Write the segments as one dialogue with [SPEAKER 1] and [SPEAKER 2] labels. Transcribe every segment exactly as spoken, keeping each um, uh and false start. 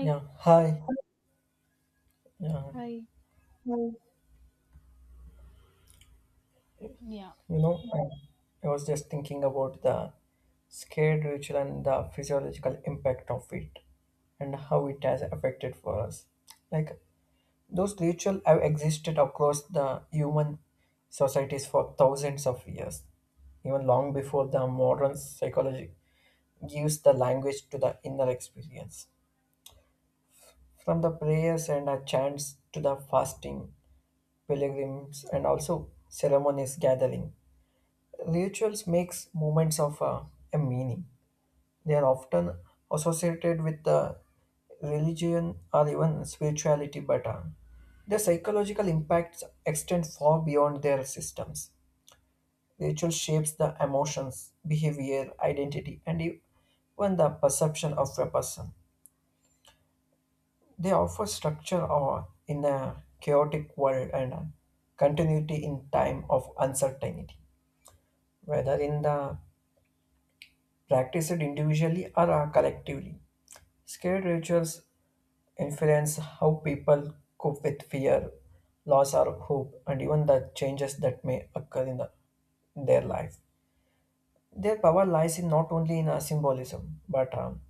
[SPEAKER 1] Yeah, hi. Yeah,
[SPEAKER 2] hi. Yeah,
[SPEAKER 1] you know, I, I was just thinking about the scared ritual and the physiological impact of it and how it has affected for us. Like those rituals have existed across the human societies for thousands of years, even long before the modern psychology gives the language to the inner experience. From the prayers and the chants to the fasting, pilgrims, and also ceremonies gathering rituals makes moments of uh, a meaning. They are often associated with the religion or even spirituality, but uh, their psychological impacts extend far beyond their systems. Ritual shapes the emotions, behavior, identity, and even the perception of a person. They offer structure or in a chaotic world and uh, continuity in time of uncertainty, whether in the practiced individually or uh, collectively. Scared rituals influence how people cope with fear, loss, or hope, and even the changes that may occur in the, their life. Their power lies in not only in a symbolism, but um,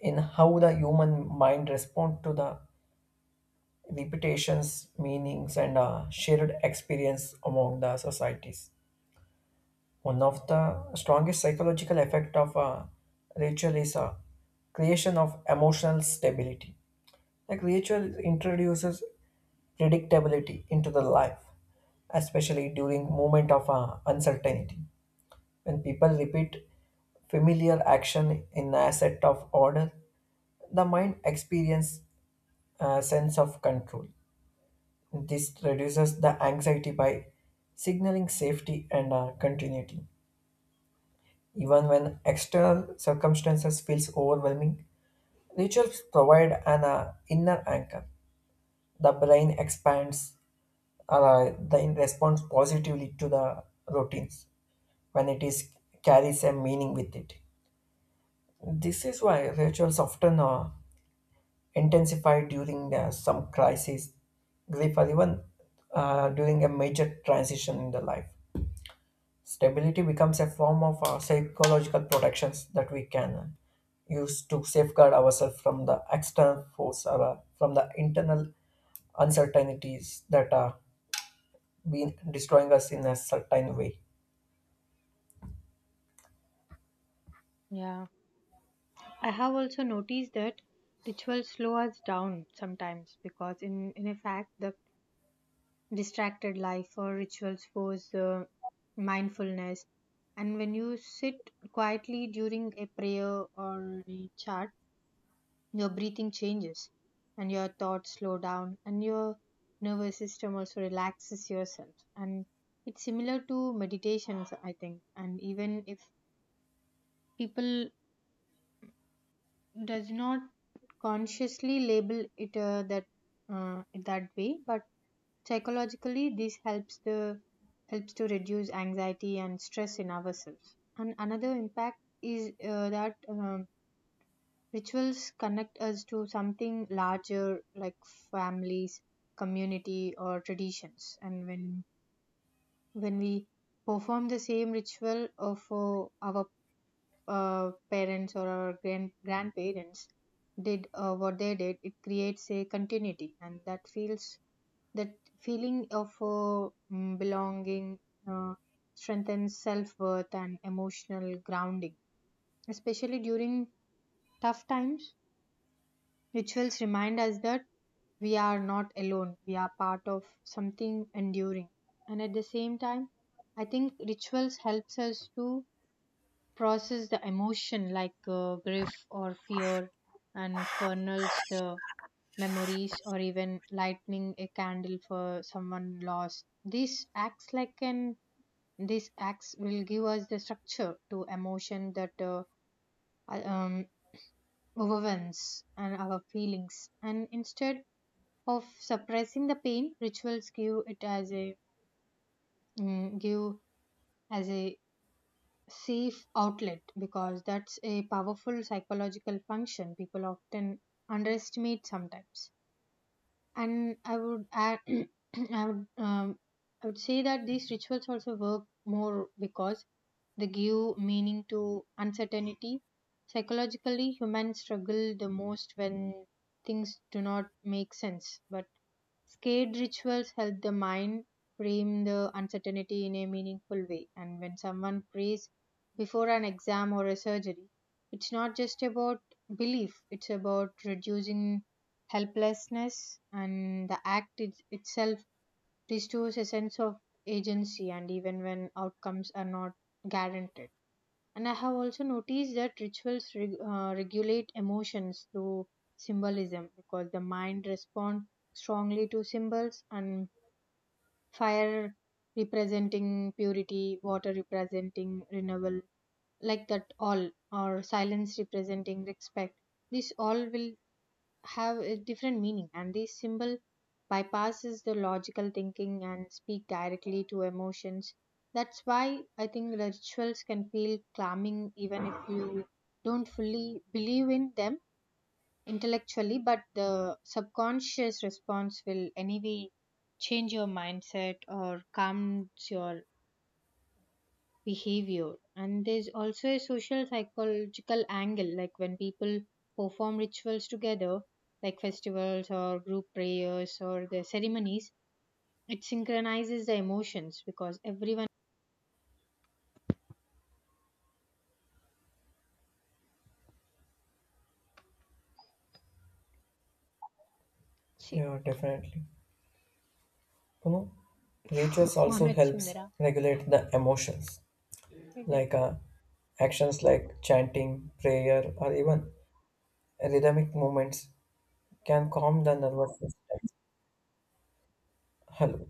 [SPEAKER 1] in how the human mind responds to the repetitions, meanings, and uh, shared experience among the societies. One of the strongest psychological effect of a ritual is a creation of emotional stability. Like ritual introduces predictability into the life, especially during moment of uh, uncertainty. When people repeat familiar action in a set of order, the mind experience a sense of control. This reduces the anxiety by signaling safety and uh, continuity. Even when external circumstances feels overwhelming, rituals provide an uh, inner anchor. The brain expands uh, the in response positively to the routines when it is carries a meaning with it. This is why rituals often uh, intensify during uh, some crisis, grief, or even uh, during a major transition in the life. Stability becomes a form of uh, psychological protections that we can use to safeguard ourselves from the external force or uh, from the internal uncertainties that are been destroying us in a certain way.
[SPEAKER 2] Yeah, I have also noticed that rituals slow us down sometimes because, in in fact, the distracted life or rituals force uh, mindfulness. And when you sit quietly during a prayer or a chant, your breathing changes, and your thoughts slow down, and your nervous system also relaxes yourself. And it's similar to meditations, I think. And even if people does not consciously label it uh, that uh, that way but psychologically this helps the helps to reduce anxiety and stress in ourselves. And another impact is uh, that um, rituals connect us to something larger like families, community, or traditions. And when when we perform the same ritual of uh, our uh, parents or our grand- grandparents did, uh, what they did, it creates a continuity. And that feels that feeling of uh, mm, belonging uh, strengthens self-worth and emotional grounding, especially during tough times. Rituals remind us that we are not alone, we are part of something enduring. And at the same time, I think rituals helps us to process the emotion like uh, grief or fear, and funnels the memories, or even lighting a candle for someone lost. This acts like an this acts will give us the structure to emotion that uh, uh, um, overwhelms and our feelings. And instead of suppressing the pain, rituals give it as a mm, give as a safe outlet, because that's a powerful psychological function people often underestimate sometimes. And I would add i would um, I would say that these rituals also work more because they give meaning to uncertainty. Psychologically, humans struggle the most when things do not make sense, but scared rituals help the mind frame the uncertainty in a meaningful way. And when someone prays before an exam or a surgery, it's not just about belief, it's about reducing helplessness, and the act it, itself restores a sense of agency, and even when outcomes are not guaranteed. And I have also noticed that rituals reg- uh, regulate emotions through symbolism, because the mind responds strongly to symbols, and fire representing purity, water representing renewal, like that all, or silence representing respect. This all will have a different meaning, and this symbol bypasses the logical thinking and speak directly to emotions. That's why I think the rituals can feel calming even if you don't fully believe in them intellectually, but the subconscious response will anyway change your mindset or calms your behavior. And there's also a social psychological angle, like when people perform rituals together, like festivals or group prayers or the ceremonies, it synchronizes the emotions because everyone She
[SPEAKER 1] Yeah, definitely. You know, rituals
[SPEAKER 2] one
[SPEAKER 1] also
[SPEAKER 2] at
[SPEAKER 1] helps
[SPEAKER 2] Chindra.
[SPEAKER 1] regulate the emotions,
[SPEAKER 2] Yeah.
[SPEAKER 1] like uh, actions like chanting, prayer, or even rhythmic movements can calm the nervous system. Hello.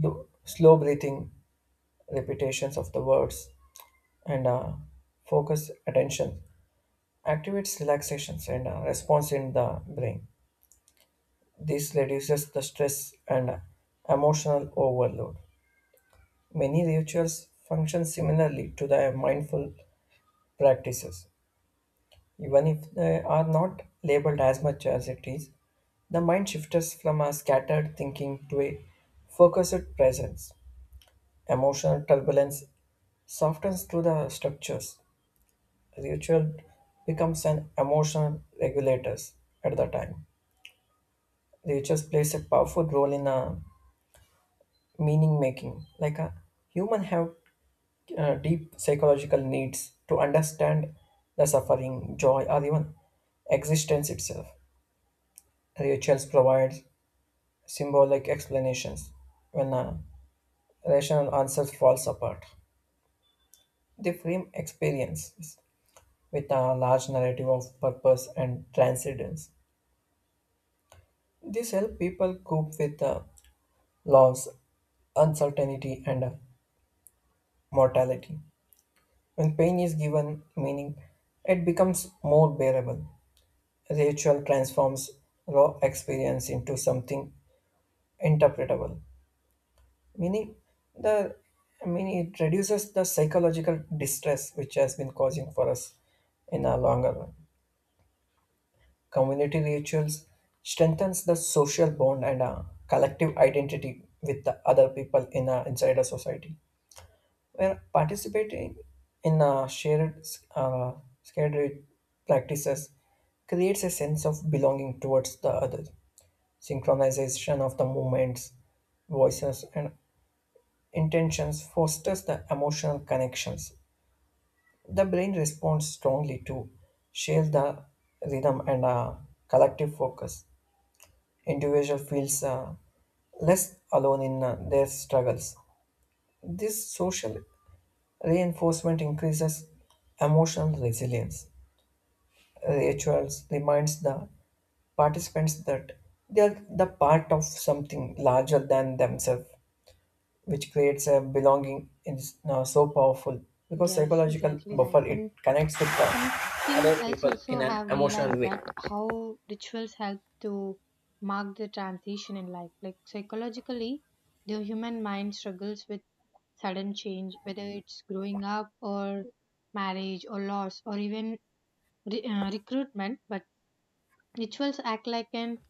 [SPEAKER 1] Do- Slow breathing repetitions of the words and uh, focus attention activates relaxations and uh, response in the brain. This reduces the stress and uh, emotional overload. Many rituals function similarly to the mindful practices, even if they are not labeled as much as it is. The mind shifts from a scattered thinking to a focused presence. Emotional turbulence softens through the structures. Ritual becomes an emotional regulators at the time. Rituals plays a powerful role in uh, meaning making. Like a human have uh, deep psychological needs to understand the suffering, joy, or even existence itself. Rituals provide symbolic explanations when a rational answer falls apart. They frame experiences with a large narrative of purpose and transcendence. This helps people cope with uh, loss, uncertainty, and mortality. When pain is given meaning, it becomes more bearable. Ritual transforms raw experience into something interpretable, meaning the I mean it reduces the psychological distress which has been causing for us in a longer run. Community rituals strengthens the social bond and a collective identity with the other people in a, inside a society, where participating in uh, shared uh, sacred practices creates a sense of belonging towards the other. Synchronization of the movements, voices, and intentions fosters the emotional connections. The brain responds strongly to share the rhythm and uh, collective focus. Individual feels uh, less alone in uh, their struggles. This social reinforcement increases emotional resilience. Rituals reminds the participants that they are the part of something larger than themselves, which creates a belonging is now so powerful because
[SPEAKER 2] Yes,
[SPEAKER 1] psychological
[SPEAKER 2] exactly right.
[SPEAKER 1] buffer it
[SPEAKER 2] And
[SPEAKER 1] connects with the
[SPEAKER 2] something
[SPEAKER 1] other
[SPEAKER 2] else
[SPEAKER 1] people
[SPEAKER 2] also
[SPEAKER 1] in
[SPEAKER 2] I
[SPEAKER 1] an
[SPEAKER 2] have
[SPEAKER 1] emotional
[SPEAKER 2] realized,
[SPEAKER 1] way.
[SPEAKER 2] that how rituals help to mark the transition in life. Like psychologically, the human mind struggles with sudden change, whether it's growing up or marriage or loss or even re- uh, recruitment. But rituals act like an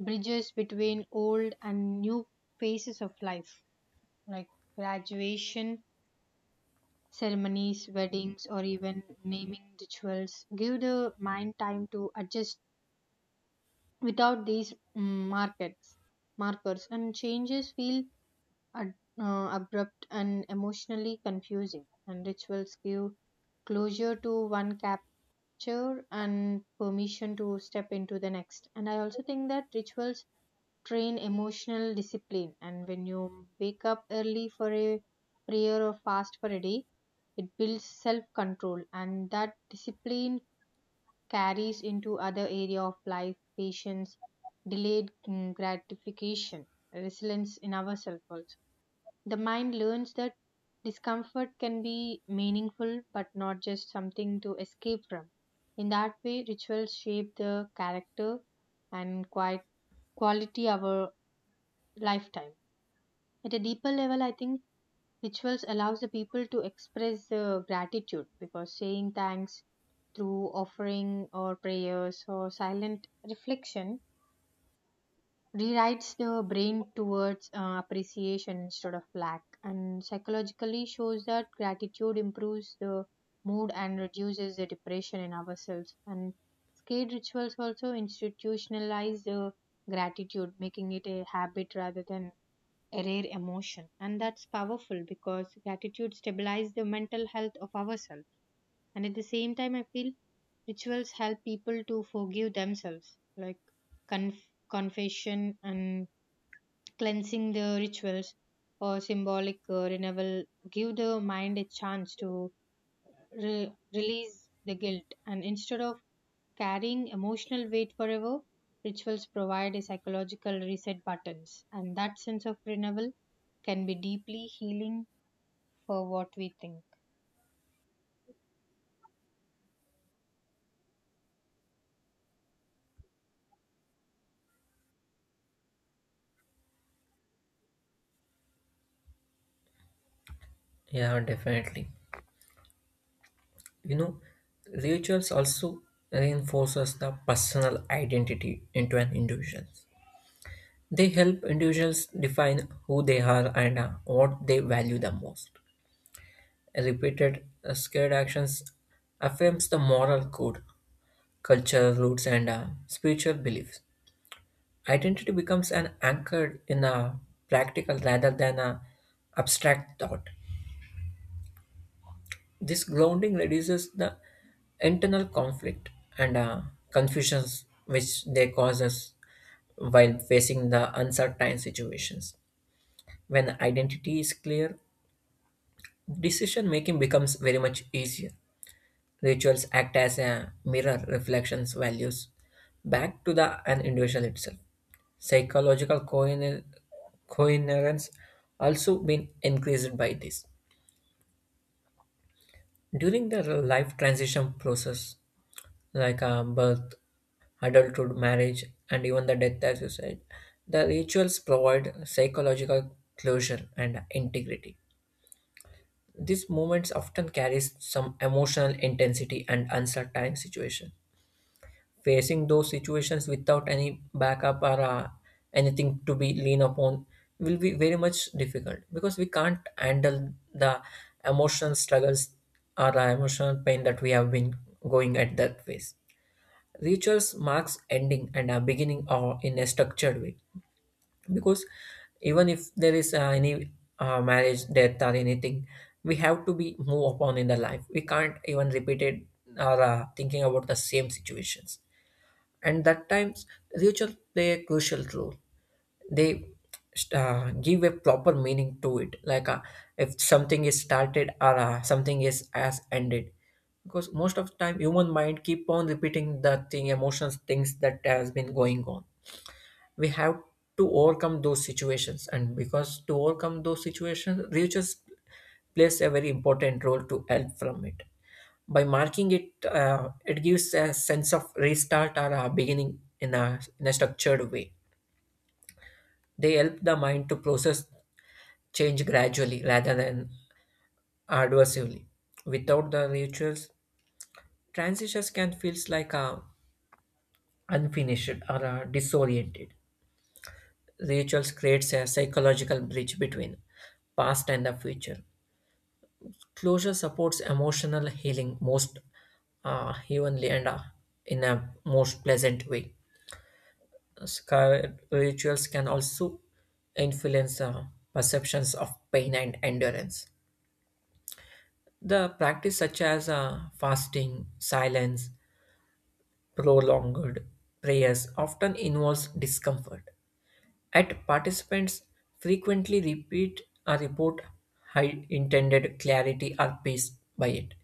[SPEAKER 2] bridges between old and new phases of life, like graduation ceremonies, weddings, or even naming rituals. Give the mind time to adjust without these mm, markets markers, and changes feel ad- uh, abrupt and emotionally confusing, and rituals give closure to one capture and permission to step into the next. And I also think that rituals train emotional discipline, and when you wake up early for a prayer or fast for a day, it builds self control, and that discipline carries into other area of life, patience, delayed mm, gratification, resilience in ourselves also. The mind learns that discomfort can be meaningful but not just something to escape from. In that way, rituals shape the character and quite quality of our lifetime. At a deeper level, I think rituals allows the people to express uh, gratitude, because saying thanks through offering or prayers or silent reflection rewrites the brain towards uh, appreciation instead of lack, and psychologically shows that gratitude improves the mood and reduces the depression in ourselves. And skate rituals also institutionalize the gratitude, making it a habit rather than a rare emotion, and that's powerful because gratitude stabilizes the mental health of ourselves. And at the same time, I feel rituals help people to forgive themselves, like conf- confession and cleansing the rituals or symbolic uh, renewal give the mind a chance to re- release the guilt, and instead of carrying emotional weight forever, rituals provide a psychological reset buttons, and that sense of renewal can be deeply healing for what we think.
[SPEAKER 1] Yeah, definitely. You know, rituals also reinforces the personal identity into an individual. They help individuals define who they are and uh, what they value the most. Repeated uh, scared actions affirms the moral code, cultural roots, and uh, spiritual beliefs. Identity becomes an anchored in a practical rather than a abstract thought. This grounding reduces the internal conflict and uh, confusions which they cause us while facing the uncertain situations. When identity is clear, decision making becomes very much easier. Rituals act as a mirror, reflections, values back to the an individual itself. Psychological coin- coherence also been increased by this. During the life transition process, like uh, birth, adulthood, marriage, and even the death, as you said, the rituals provide psychological closure and integrity. These moments often carries some emotional intensity and uncertain situation. Facing those situations without any backup or uh, anything to be lean upon will be very much difficult because we can't handle the emotional struggles or the emotional pain that we have been going at that phase. Rituals marks ending and a beginning or in a structured way, because even if there is uh, any uh, marriage death or anything, we have to be move upon in the life, we can't even repeat it or uh, thinking about the same situations. And that times ritual play a crucial role. They uh, give a proper meaning to it, like uh, if something is started or uh, something is as ended, because most of the time human mind keep on repeating the thing emotions things that has been going on. We have to overcome those situations, and because to overcome those situations research plays a very important role to help from it. By marking it, uh, it gives a sense of restart or a beginning in a, in a structured way. They help the mind to process change gradually rather than adversely. Without the rituals, transitions can feels like a unfinished or a disoriented. Rituals creates a psychological bridge between past and the future. Closure supports emotional healing most uh, humanly and uh, in a most pleasant way. Scar- rituals can also influence uh, perceptions of pain and endurance. The practice such as uh, fasting, silence, prolonged prayers often involves discomfort. At participants frequently repeat a report high intended clarity or peace by it.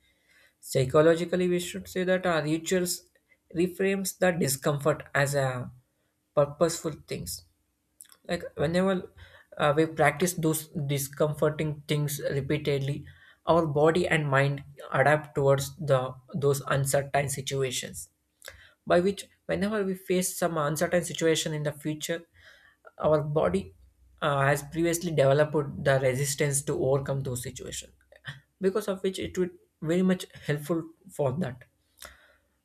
[SPEAKER 1] Psychologically, we should say that our rituals reframes the discomfort as a purposeful things. Like whenever uh, we practice those discomforting things repeatedly, our body and mind adapt towards the those uncertain situations, by which whenever we face some uncertain situation in the future, our body uh, has previously developed the resistance to overcome those situations, because of which it would very much helpful for that.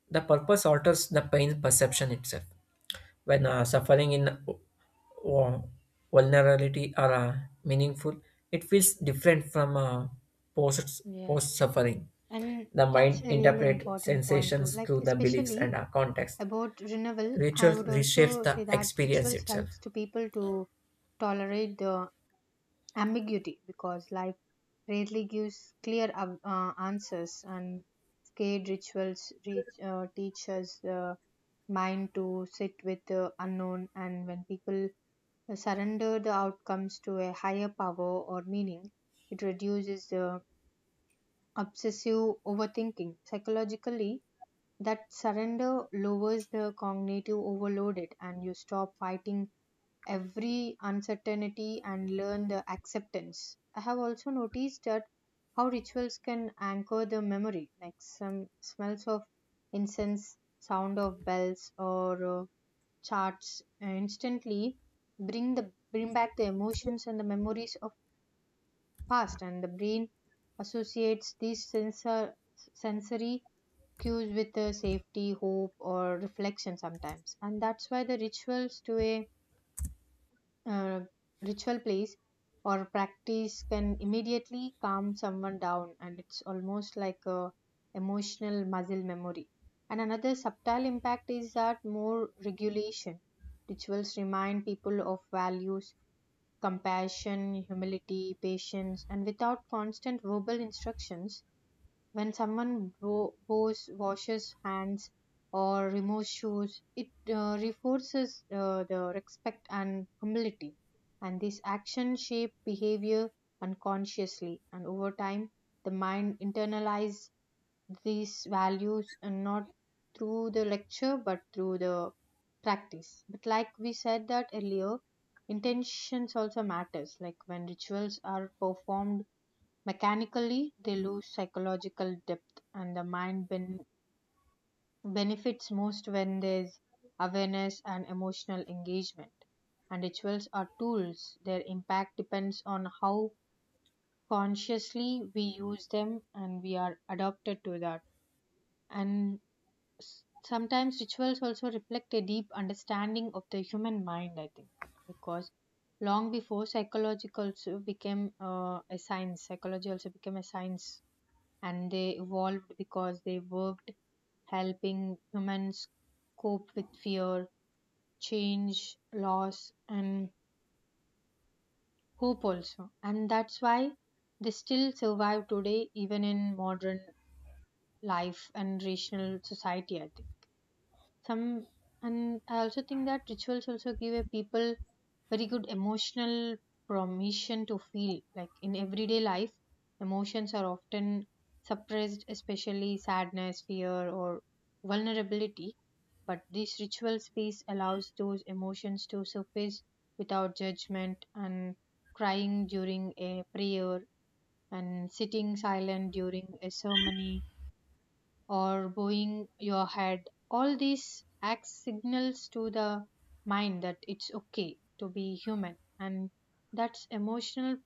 [SPEAKER 1] The purpose alters the pain perception itself. When uh, suffering in or vulnerability are uh, meaningful, it feels different from uh, post post
[SPEAKER 2] Yes.
[SPEAKER 1] suffering.
[SPEAKER 2] And
[SPEAKER 1] The
[SPEAKER 2] that's
[SPEAKER 1] mind
[SPEAKER 2] a really
[SPEAKER 1] interprets
[SPEAKER 2] important point too,
[SPEAKER 1] sensations
[SPEAKER 2] like
[SPEAKER 1] through the beliefs
[SPEAKER 2] especially
[SPEAKER 1] and uh, context.
[SPEAKER 2] about renewal. I
[SPEAKER 1] Ritual
[SPEAKER 2] would
[SPEAKER 1] reshapes
[SPEAKER 2] also
[SPEAKER 1] the
[SPEAKER 2] say that
[SPEAKER 1] experience
[SPEAKER 2] rituals
[SPEAKER 1] itself.
[SPEAKER 2] helps to people to tolerate the ambiguity, because life rarely gives clear ab- uh, answers, and scared rituals reach, uh, teach us the mind to sit with the unknown. And when people surrender the outcomes to a higher power or meaning, it reduces the obsessive overthinking. Psychologically, that surrender lowers the cognitive overloaded, and you stop fighting every uncertainty and learn the acceptance. I have also noticed that how rituals can anchor the memory, like some smells of incense, sound of bells, or uh, charts, uh, instantly bring the bring back the emotions and the memories of past, and the brain associates these sensor, sensory cues with uh, safety, hope, or reflection sometimes, and that's why the rituals to a uh, ritual place or practice can immediately calm someone down, and it's almost like a emotional muscle memory. And another subtle impact is that more regulation, rituals remind people of values, compassion, humility, patience, and without constant verbal instructions. When someone wo- bows, washes hands, or removes shoes, it uh, reinforces uh, the respect and humility. And this action shape behavior unconsciously. And over time, the mind internalizes these values, and not through the lecture but through the practice. But like we said that earlier, intentions also matters. Like when rituals are performed mechanically, they lose psychological depth, and the mind ben- benefits most when there's awareness and emotional engagement. And rituals are tools, their impact depends on how consciously we use them and we are adapted to that. And s- sometimes rituals also reflect a deep understanding of the human mind, I think, because long before psychology also became uh, a science psychology also became a science, and they evolved because they worked, helping humans cope with fear, change, loss, and hope also. And that's why they still survive today, even in modern life and rational society, I think. Some. And I also think that rituals also give a people very good emotional permission to feel, like in everyday life emotions are often suppressed, especially sadness, fear, or vulnerability, but this ritual space allows those emotions to surface without judgment. And crying during a prayer and sitting silent during a ceremony or bowing your head, all these acts signals to the mind that it's okay to be human, and that's emotional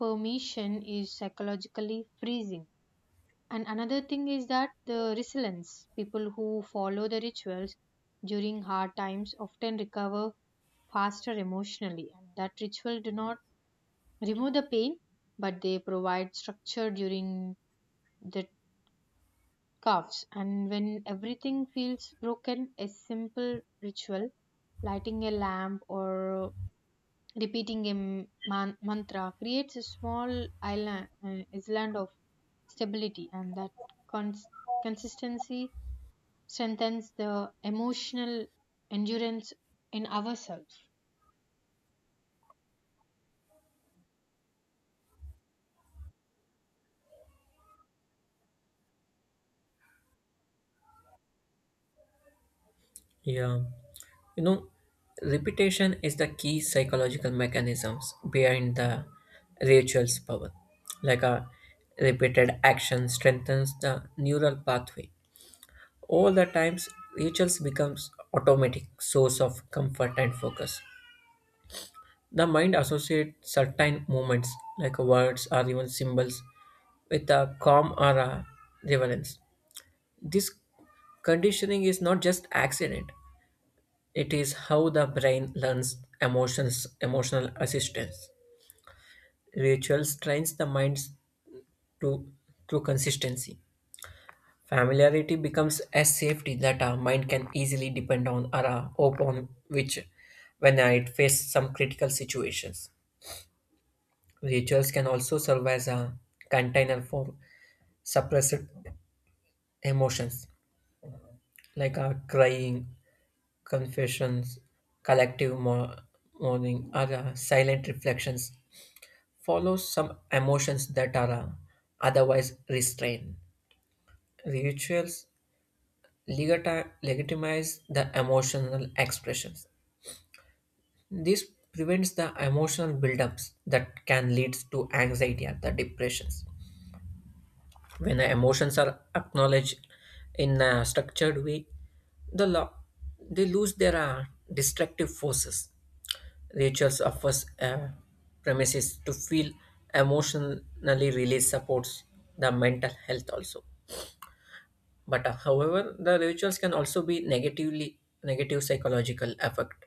[SPEAKER 2] permission is psychologically freezing. And another thing is that the resilience, people who follow the rituals during hard times often recover faster emotionally, and that ritual do not remove the pain but they provide structure during the calves. And when everything feels broken, a simple ritual, lighting a lamp or repeating a man- mantra, creates a small island, uh, island of stability, and that cons- consistency strengthens the emotional endurance in ourselves.
[SPEAKER 1] Yeah. You know, repetition is the key psychological mechanisms behind the ritual's power. Like a repeated action strengthens the neural pathway. All the times, rituals becomes automatic source of comfort and focus. The mind associates certain movements, like words or even symbols, with a calm or a relevance. This conditioning is not just accident; it is how the brain learns emotions, emotional assistance. Rituals trains the minds to through consistency. Familiarity becomes a safety that our mind can easily depend on or uh, upon which when uh, it faces some critical situations. Rituals can also serve as a container for suppressed emotions like uh, crying, confessions, collective mo- mourning, or uh, silent reflections. Follow some emotions that are uh, otherwise restrained. Rituals legati- legitimize the emotional expressions. This prevents the emotional buildups that can lead to anxiety and the depressions. When the emotions are acknowledged in a structured way, the lo- they lose their uh, destructive forces. Rituals offers uh, premises to feel emotionally release supports the mental health also. But uh, however, the rituals can also be negatively negative psychological effect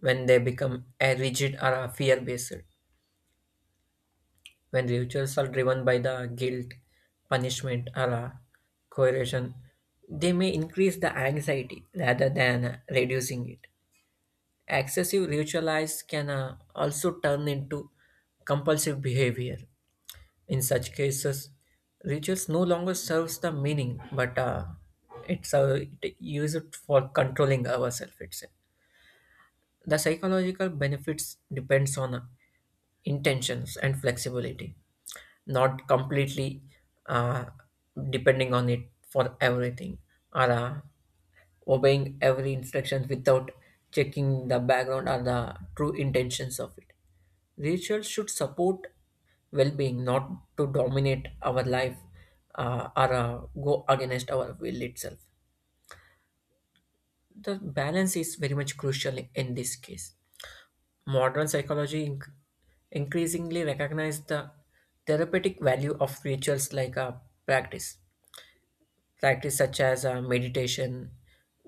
[SPEAKER 1] when they become a rigid or a fear based. When rituals are driven by the guilt, punishment, or uh, coercion, they may increase the anxiety rather than uh, reducing it. Excessive ritualized can uh, also turn into compulsive behavior. In such cases, rituals no longer serves the meaning, but uh, it's uh, it used for controlling ourselves itself. The psychological benefits depends on uh, intentions and flexibility, not completely uh, depending on it for everything or uh, obeying every instruction without checking the background or the true intentions of it. Rituals should support well being, not to dominate our life uh, or uh, go against our will itself. The balance is very much crucial in this case. Modern psychology inc- increasingly recognize the therapeutic value of rituals like a practice, practice such as uh, meditation,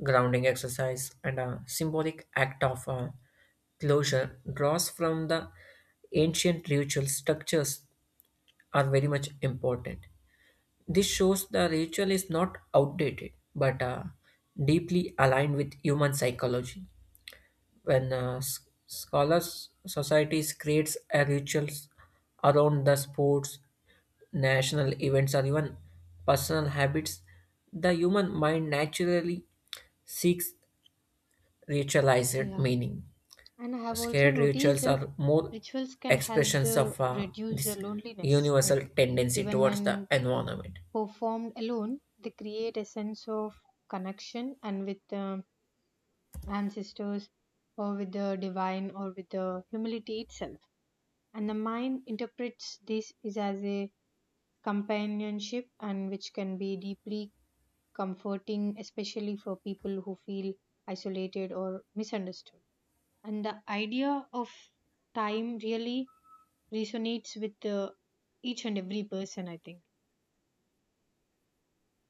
[SPEAKER 1] grounding exercise, and a symbolic act of uh, closure draws from the ancient ritual structures are very much important. This shows the ritual is not outdated but uh, deeply aligned with human psychology. When uh, s- scholars societies creates a rituals around the sports national events or even personal habits, the human mind naturally seeks ritualized
[SPEAKER 2] Yeah,
[SPEAKER 1] meaning.
[SPEAKER 2] and I have also
[SPEAKER 1] Scared
[SPEAKER 2] noticed
[SPEAKER 1] rituals
[SPEAKER 2] that
[SPEAKER 1] are more
[SPEAKER 2] rituals can help
[SPEAKER 1] expressions
[SPEAKER 2] the
[SPEAKER 1] of uh,
[SPEAKER 2] reduce the
[SPEAKER 1] this
[SPEAKER 2] loneliness, like
[SPEAKER 1] universal tendency
[SPEAKER 2] even
[SPEAKER 1] towards the
[SPEAKER 2] when
[SPEAKER 1] environment.
[SPEAKER 2] performed alone, they create a sense of connection and with the ancestors or with the divine or with the humility itself. And the mind interprets this is as a companionship, and which can be deeply comforting, especially for people who feel isolated or misunderstood. And the idea of time really resonates with uh, each and every person, I think.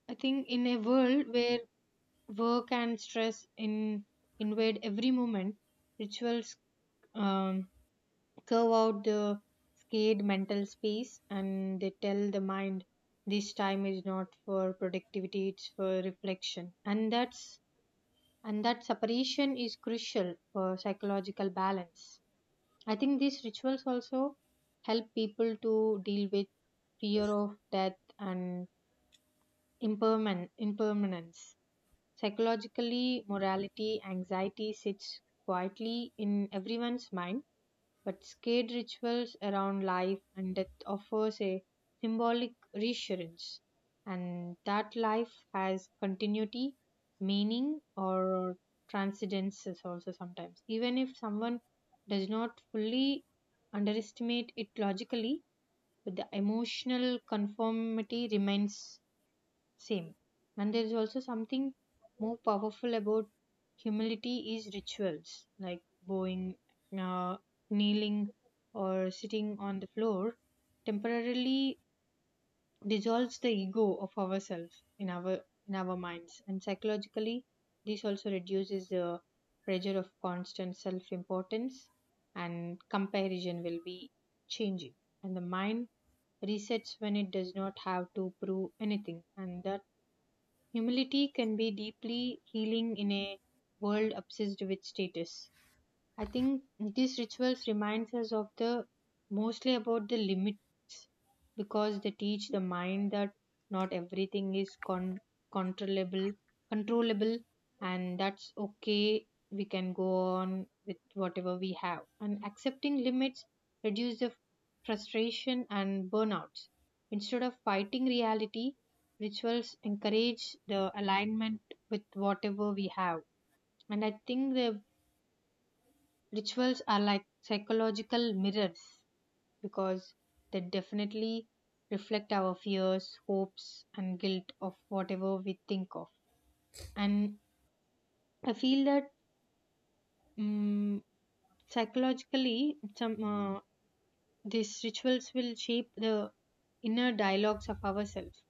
[SPEAKER 2] I think in a world where work and stress in, invade every moment, rituals um, curve out the scared mental space, and they tell the mind, this time is not for productivity, it's for reflection. And that's and that separation is crucial for psychological balance. I think these rituals also help people to deal with fear of death and imperman- impermanence. Psychologically, morality anxiety sits quietly in everyone's mind, but scared rituals around life and death offers a symbolic reassurance, and that life has continuity, meaning, or transcendence also sometimes. Even if someone does not fully underestimate it logically, but the emotional conformity remains same. And there is also something more powerful about humility is rituals like bowing, uh, kneeling, or sitting on the floor temporarily dissolves the ego of ourselves in our in our minds, and psychologically this also reduces the pressure of constant self importance, and comparison will be changing, and the mind resets when it does not have to prove anything. And the humility can be deeply healing in a world obsessed with status. I think these rituals reminds us of the mostly about the limits, because they teach the mind that not everything is con- controllable controllable, and that's okay, we can go on with whatever we have, and accepting limits reduce the frustration and burnouts. Instead of fighting reality, rituals encourage the alignment with whatever we have. And I think they rituals are like psychological mirrors, because they definitely reflect our fears, hopes, and guilt of whatever we think of. And I feel that um, psychologically, some uh, these rituals will shape the inner dialogues of ourselves,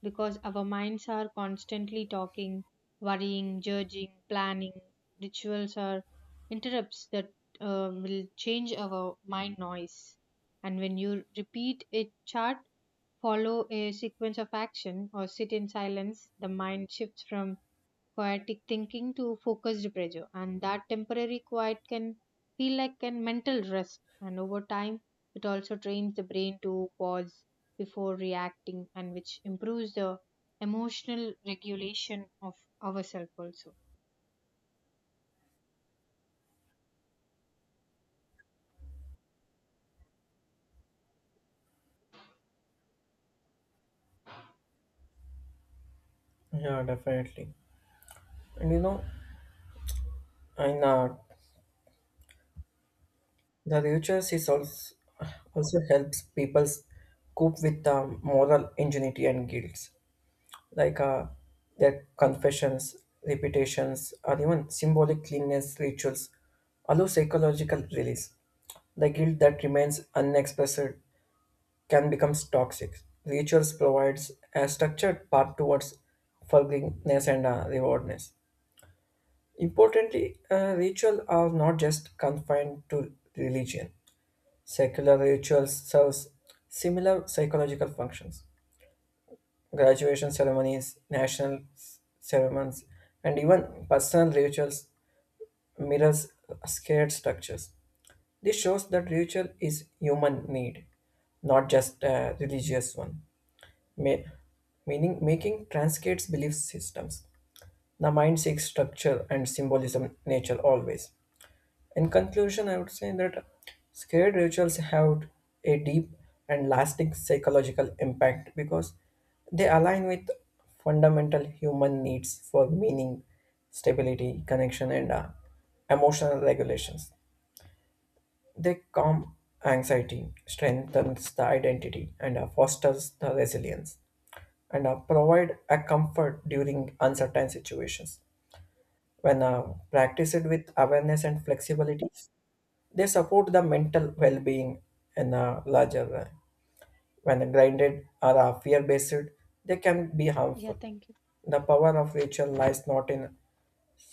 [SPEAKER 2] because our minds are constantly talking, worrying, judging, planning. Rituals are interrupts that uh, will change our mind noise. And when you repeat a chart, follow a sequence of action, or sit in silence, the mind shifts from chaotic thinking to focused pressure. And that temporary quiet can feel like a mental rest. And over time, it also trains the brain to pause before reacting, and which improves the emotional regulation of ourselves also.
[SPEAKER 1] Yeah, definitely. And you know, in uh, the rituals is also, also helps people cope with um, moral ingenuity and guilt, like uh, their confessions, repetitions, or even symbolic cleanness rituals allow psychological release. The guilt that remains unexpressed can become toxic. Rituals provides a structured path towards forgiveness and uh, rewardness. Importantly, uh, ritual are not just confined to religion. Secular rituals serves similar psychological functions. Graduation ceremonies, national s- ceremonies, and even personal rituals mirrors scared structures. This shows that ritual is human need, not just a religious one. May, Meaning making transcends belief systems. The mind seeks structure and symbolism nature always. In conclusion, I would say that scared rituals have a deep and lasting psychological impact because they align with fundamental human needs for meaning, stability, connection, and uh, emotional regulations. They calm anxiety, strengthens the identity, and uh, fosters the resilience, and uh, provide a comfort during uncertain situations. When uh, practiced with awareness and flexibility, they support the mental well-being in a larger way. When grinded or are fear-based, they can be
[SPEAKER 2] Yeah,
[SPEAKER 1] harmful.
[SPEAKER 2] thank you.
[SPEAKER 1] The power of ritual lies not in